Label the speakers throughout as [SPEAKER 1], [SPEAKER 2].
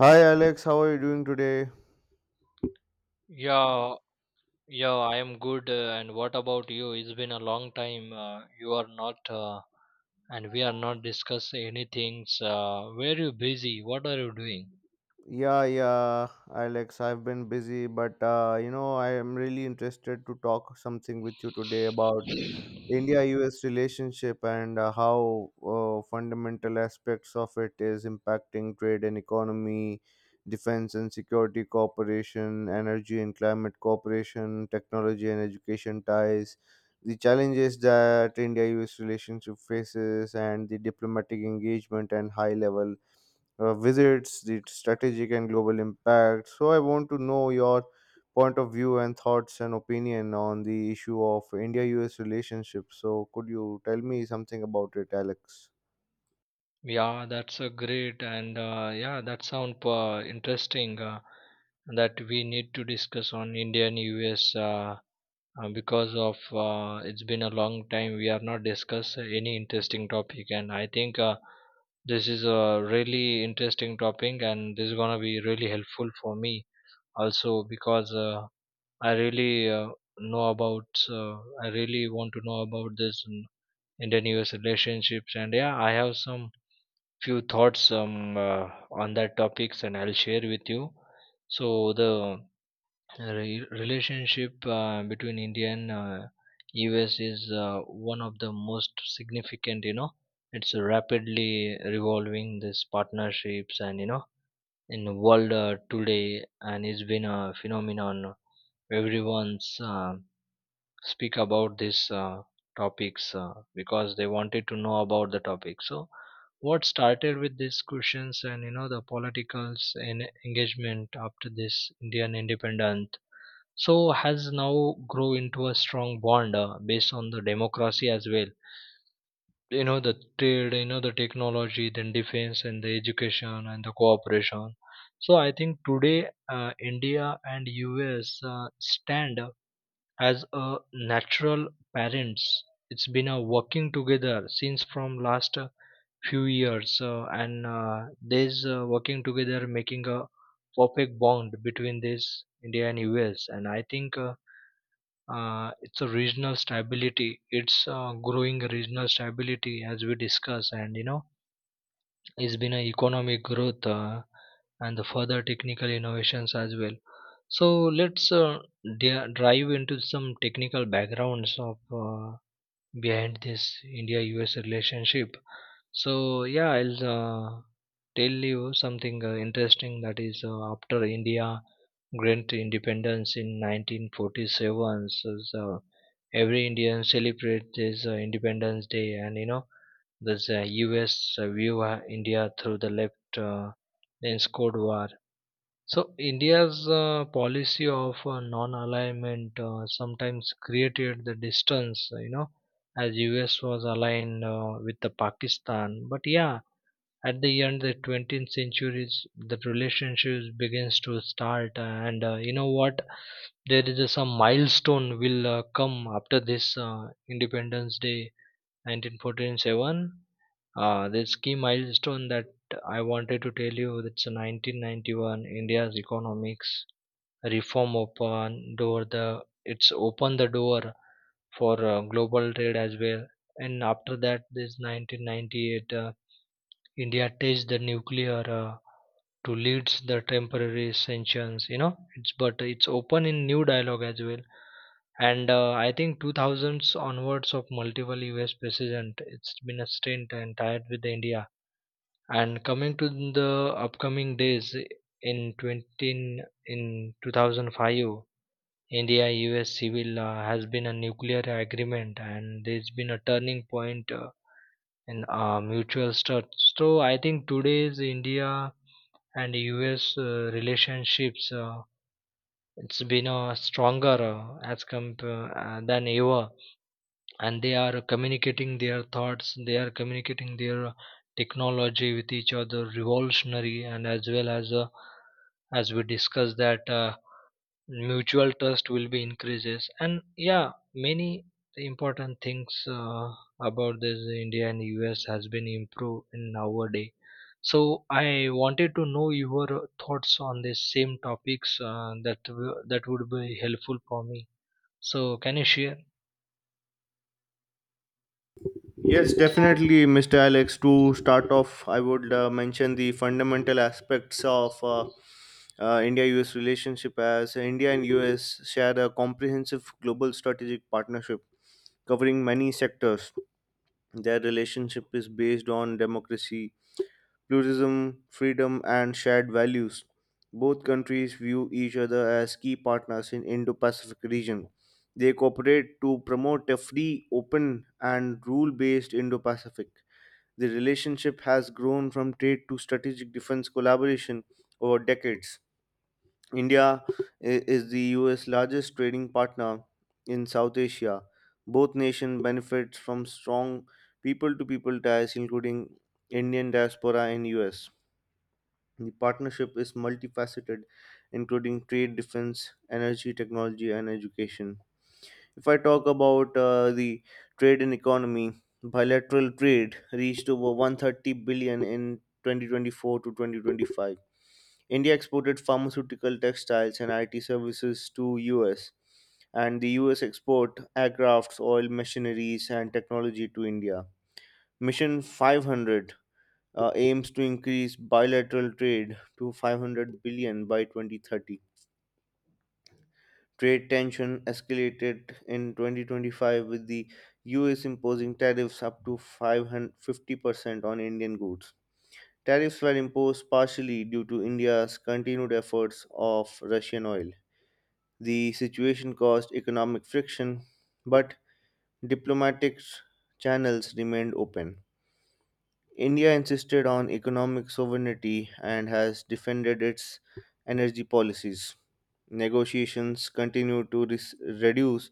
[SPEAKER 1] Hi Alex, how are you doing today?
[SPEAKER 2] Yeah, yeah, I am good. And what about you? It's been a long time. You are not, and we are not discuss anything. Where you busy? What are you doing?
[SPEAKER 1] Yeah, yeah, Alex, I've been busy, but I am really interested to talk something with you today about India-US relationship and how fundamental aspects of it is impacting trade and economy, defense and security cooperation, energy and climate cooperation, technology and education ties, the challenges that India-US relationship faces, and the diplomatic engagement and high level visits, the strategic and global impact. So, I want to know your point of view and thoughts and opinion on the issue of India US relationship. So, could you tell me something about it, Alex?
[SPEAKER 2] Yeah, that's a great. And yeah, that sound interesting. That we need to discuss on Indian US. Because of, it's been a long time we are not discuss any interesting topic, and I think this is a really interesting topic, and this is going to be really helpful for me also because i really uh, know about uh, I really want to know about this in Indian US relationships. And yeah, I have some few thoughts on that topics, and I'll share with you. So the relationship between India and, US is one of the most significant. You know, it's rapidly revolving these partnerships, and in the world today, and it's been a phenomenon. Everyone's speak about these topics because they wanted to know about the topic. So, what started with these questions and you know, the politicals and engagement after this Indian independence, so has now grow into a strong bond based on the democracy as well, you know, the trade, you know, the technology, then defense and the education and the cooperation. So I think today, India and US stand as a natural parents. It's been working together since from last few years, and these working together making a perfect bond between this India and US. And I think, it's a regional stability, it's growing regional stability as we discuss. And you know, it's been an economic growth and the further technical innovations as well. So let's, dive into some technical backgrounds of, uh, behind this India US relationship. So, yeah, I'll tell you something interesting. That is, after India grant independence in 1947, so every Indian celebrate this Independence Day, and you know, this US view India through the left. Then Cold War, so India's policy of non-alignment sometimes created the distance, you know, as US was aligned with the Pakistan. But yeah, at the end the 20th centuries, the relationships begins to start, and you know what? There is some milestone will come after this Independence Day, 1947. This key milestone that I wanted to tell you, that's 1991. India's economics reform open door, the it's opened the door for global trade as well. And after that, this 1998, India tests the nuclear to lead the temporary sanctions, you know, it's open in new dialogue as well. And I think 2000s onwards of multiple US president, it's been a stint and tied with India. And coming to the upcoming days, in 2005, India-US civil has been a nuclear agreement, and there's been a turning point in mutual trust. So I think today's India and US relationships it's been stronger, than ever, and they are communicating their thoughts, they are communicating their technology with each other revolutionary, and as well as, as we discussed that mutual trust will be increases. And yeah, many important things about this India and US has been improved in nowadays. So I wanted to know your thoughts on this same topics, that would be helpful for me. So can you share?
[SPEAKER 1] Yes, definitely, Mr. Alex. To start off, I would mention the fundamental aspects of India US relationship as India and US share a comprehensive global strategic partnership covering many sectors. Their relationship is based on democracy, pluralism, freedom, and shared values. Both countries view each other as key partners in Indo-Pacific region. They cooperate to promote a free, open, and rule-based Indo-Pacific. The relationship has grown from trade to strategic defense collaboration over decades. India is the US largest trading partner in South Asia. Both nations benefit from strong people to people ties including Indian diaspora in US. The partnership is multifaceted, including trade, defense, energy, technology, and education. If I talk about the trade and economy, bilateral trade reached over 130 billion in 2024 to 2025. India exported pharmaceutical, textiles, and IT services to US, and the US export aircrafts, oil, machineries, and technology to India. Mission 500 aims to increase bilateral trade to 500 billion by 2030. Trade tension escalated in 2025 with the US imposing tariffs up to 550% on Indian goods. Tariffs were imposed partially due to India's continued efforts of Russian oil. The situation caused economic friction, but diplomatic channels remained open. India insisted on economic sovereignty and has defended its energy policies. Negotiations continue to reduce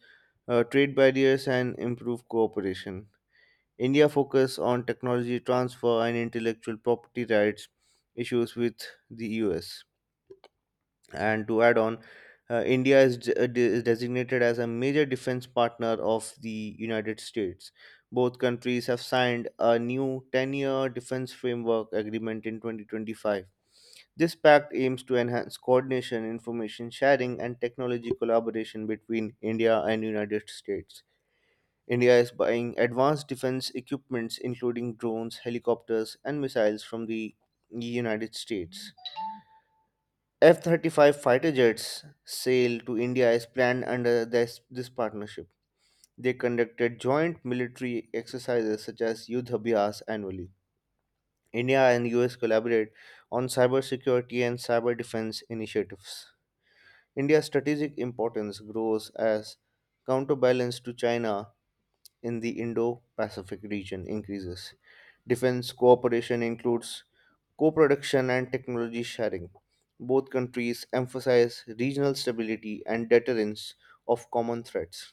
[SPEAKER 1] trade barriers and improve cooperation. India focus on technology transfer and intellectual property rights issues with the US. And to add on, India is designated as a major defense partner of the United States. Both countries have signed a new 10-year defense framework agreement in 2025. This pact aims to enhance coordination, information sharing, and technology collaboration between India and United States. India is buying advanced defense equipments including drones, helicopters, and missiles from the United States. F 35 fighter jets sale to India is planned under this partnership. They conducted joint military exercises such as Yudh Abhyas annually. India and US collaborate on cybersecurity and cyber defense initiatives. India's strategic importance grows as counterbalance to China in the Indo Pacific region increases. Defense cooperation includes co production and technology sharing. Both countries emphasize regional stability and deterrence of common threats.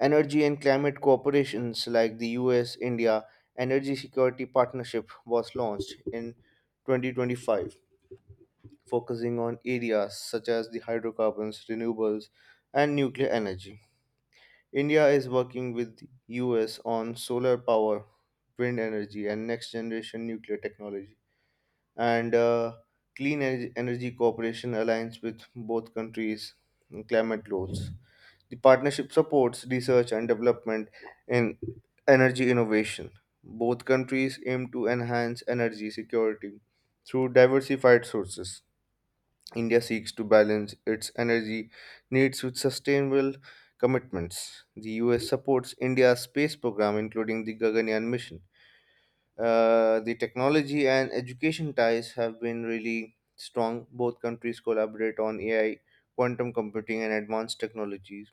[SPEAKER 1] Energy and climate cooperations like the US India Energy Security Partnership was launched in 2025, focusing on areas such as the hydrocarbons, renewables, and nuclear energy. India is working with the US on solar power, wind energy, and next generation nuclear technology and Clean Energy Cooperation Alliance with both countries' climate goals. The partnership supports research and development in energy innovation. Both countries aim to enhance energy security through diversified sources. India seeks to balance its energy needs with sustainable commitments. The US supports India's space program, including the Gaganyaan mission. The technology and education ties have been really strong. Both countries collaborate on AI, quantum computing, and advanced technologies.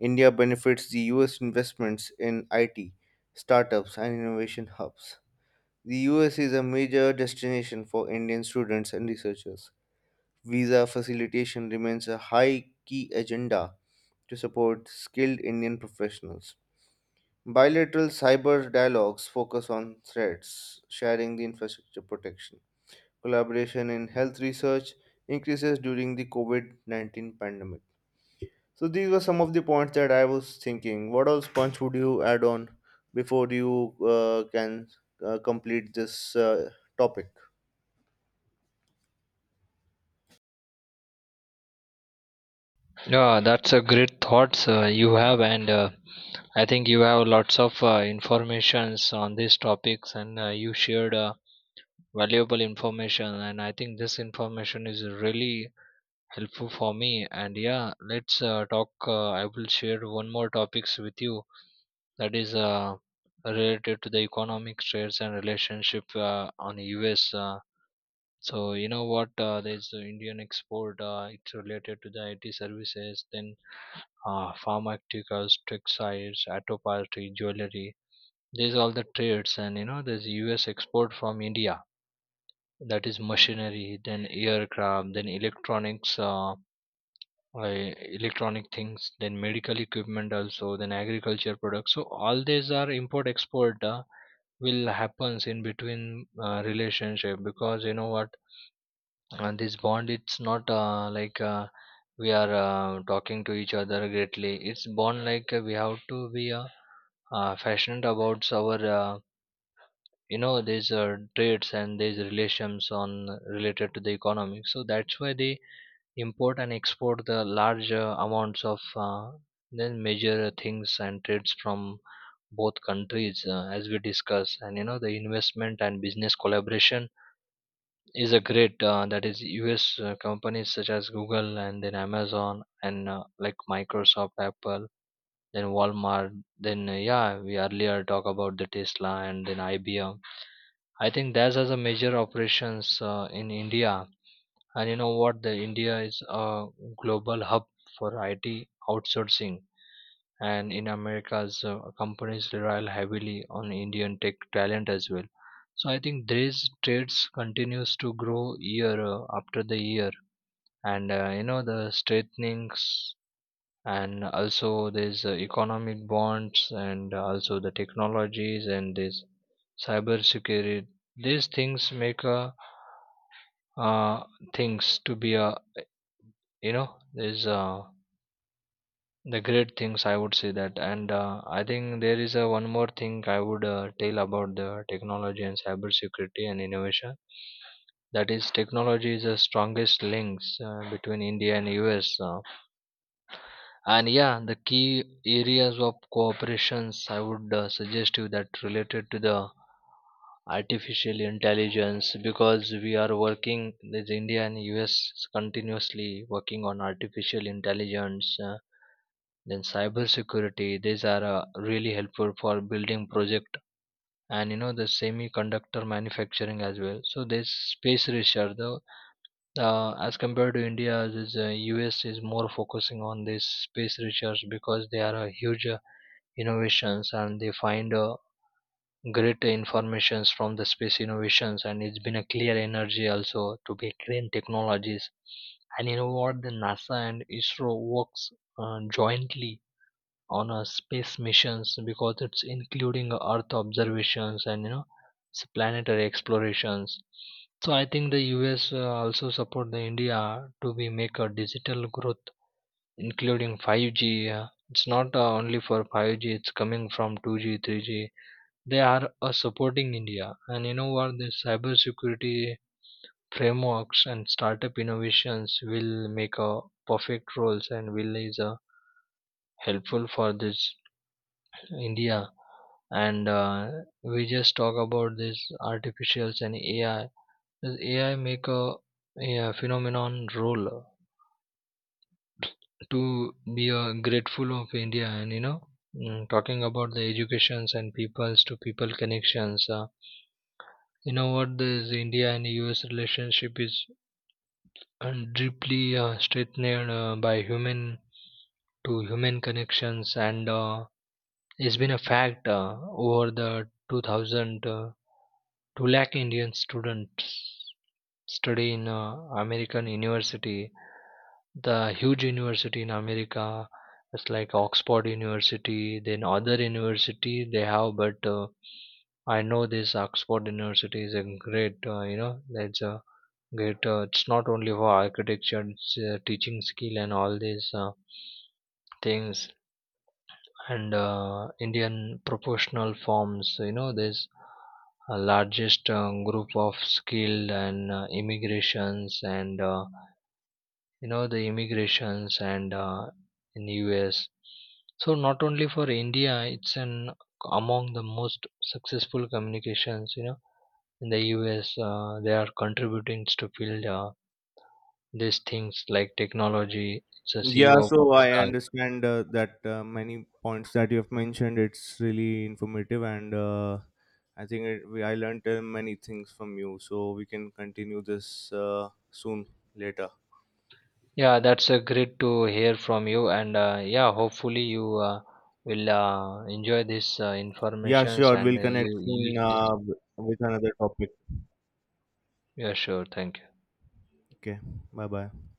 [SPEAKER 1] India benefits the US investments in IT, startups, and innovation hubs. The US is a major destination for Indian students and researchers. Visa facilitation remains a high key agenda to support skilled Indian professionals. Bilateral cyber dialogues focus on threats, sharing the infrastructure protection. Collaboration in health research increases during the COVID 19 pandemic. So, these were some of the points that I was thinking. What else Punch? Would you add on before you can complete this topic?
[SPEAKER 2] Yeah, that's a great thoughts you have, and I think you have lots of informations on these topics, and you shared valuable information, and I think this information is really helpful for me. And yeah, let's talk. I will share one more topics with you that is related to the economic trades and relationship on U.S. So you know what? There's the Indian export. It's related to the IT services. Then pharmaceuticals, textiles, auto party, jewelry. There's all the trades, and you know, there's US export from India, that is machinery, then aircraft, then electronics, electronic things, then medical equipment also, then agriculture products. So all these are import export will happens in between relationship, because you know what, and this bond, it's not like, we are talking to each other greatly, it's bond like, we have to be, passionate about our you know, these trades and these relations on related to the economy, so that's why they import and export the large amounts of, then major things and trades from both countries as we discuss. And you know, the investment and business collaboration is a great, that is US companies such as Google and then Amazon and like Microsoft, Apple, then Walmart, then yeah, we earlier talk about the Tesla and then IBM. I think that has a major operations in India, and you know what, the India is a global hub for IT outsourcing, and in Americas, companies rely heavily on Indian tech talent as well. So I think these trades continues to grow year after the year, and you know, the strengthenings, and also there's economic bonds, and also the technologies and this cyber security. These things make, uh, things to be a, you know, there's, the great things, I would say that. And I think there is a one more thing I would tell about the technology and cybersecurity and innovation, that is technology is the strongest links between India and US, and yeah, the key areas of cooperations I would suggest you that related to the artificial intelligence, because we are working this India and US continuously working on artificial intelligence, then cybersecurity, these are really helpful for building project. And you know, the semiconductor manufacturing as well. So this space research though, as compared to India, this US is more focusing on this space research, because they are a huge innovations, and they find great informations from the space innovations. And it's been a clear energy also to be green technologies. And you know what, the NASA and ISRO works jointly on a space missions, because it's including earth observations, and you know, planetary explorations. So I think the US also support the India to be make a digital growth, including 5G, it's not, only for 5G, it's coming from 2G 3G, they are supporting India. And you know what, the cyber security frameworks and startup innovations will make a perfect roles, and will is helpful for this India. And we just talk about this artificials and AI. Does AI make a phenomenon role to be grateful of India. And you know, talking about the educations and peoples to people connections. You know what, this India and US relationship is deeply strengthened by human to human connections. And it's been a fact, over the 2000 to lakh Indian students study in American university. The huge university in America, it's like Oxford University, then other university they have. But I know this Oxford University is a great, you know, that's a great. It's not only for architecture, it's, teaching skill and all these things, and Indian proportional forms. You know, this largest group of skilled and immigrations, and you know, the immigrations and, in US. So not only for India, it's an among the most successful communications. You know, in the US, they are contributing to build these things like technology. It's a
[SPEAKER 1] Yeah,
[SPEAKER 2] CEO of
[SPEAKER 1] so I
[SPEAKER 2] Google.
[SPEAKER 1] understand that many points that you have mentioned. It's really informative, and I think I learned many things from you. So we can continue this soon later.
[SPEAKER 2] Yeah, that's a great to hear from you, and yeah, hopefully you will enjoy this
[SPEAKER 1] Yeah,
[SPEAKER 2] informations
[SPEAKER 1] sure.
[SPEAKER 2] and
[SPEAKER 1] We'll connect
[SPEAKER 2] you
[SPEAKER 1] soon
[SPEAKER 2] use this.
[SPEAKER 1] with another topic.
[SPEAKER 2] Yeah, sure. Thank you.
[SPEAKER 1] Okay, bye bye.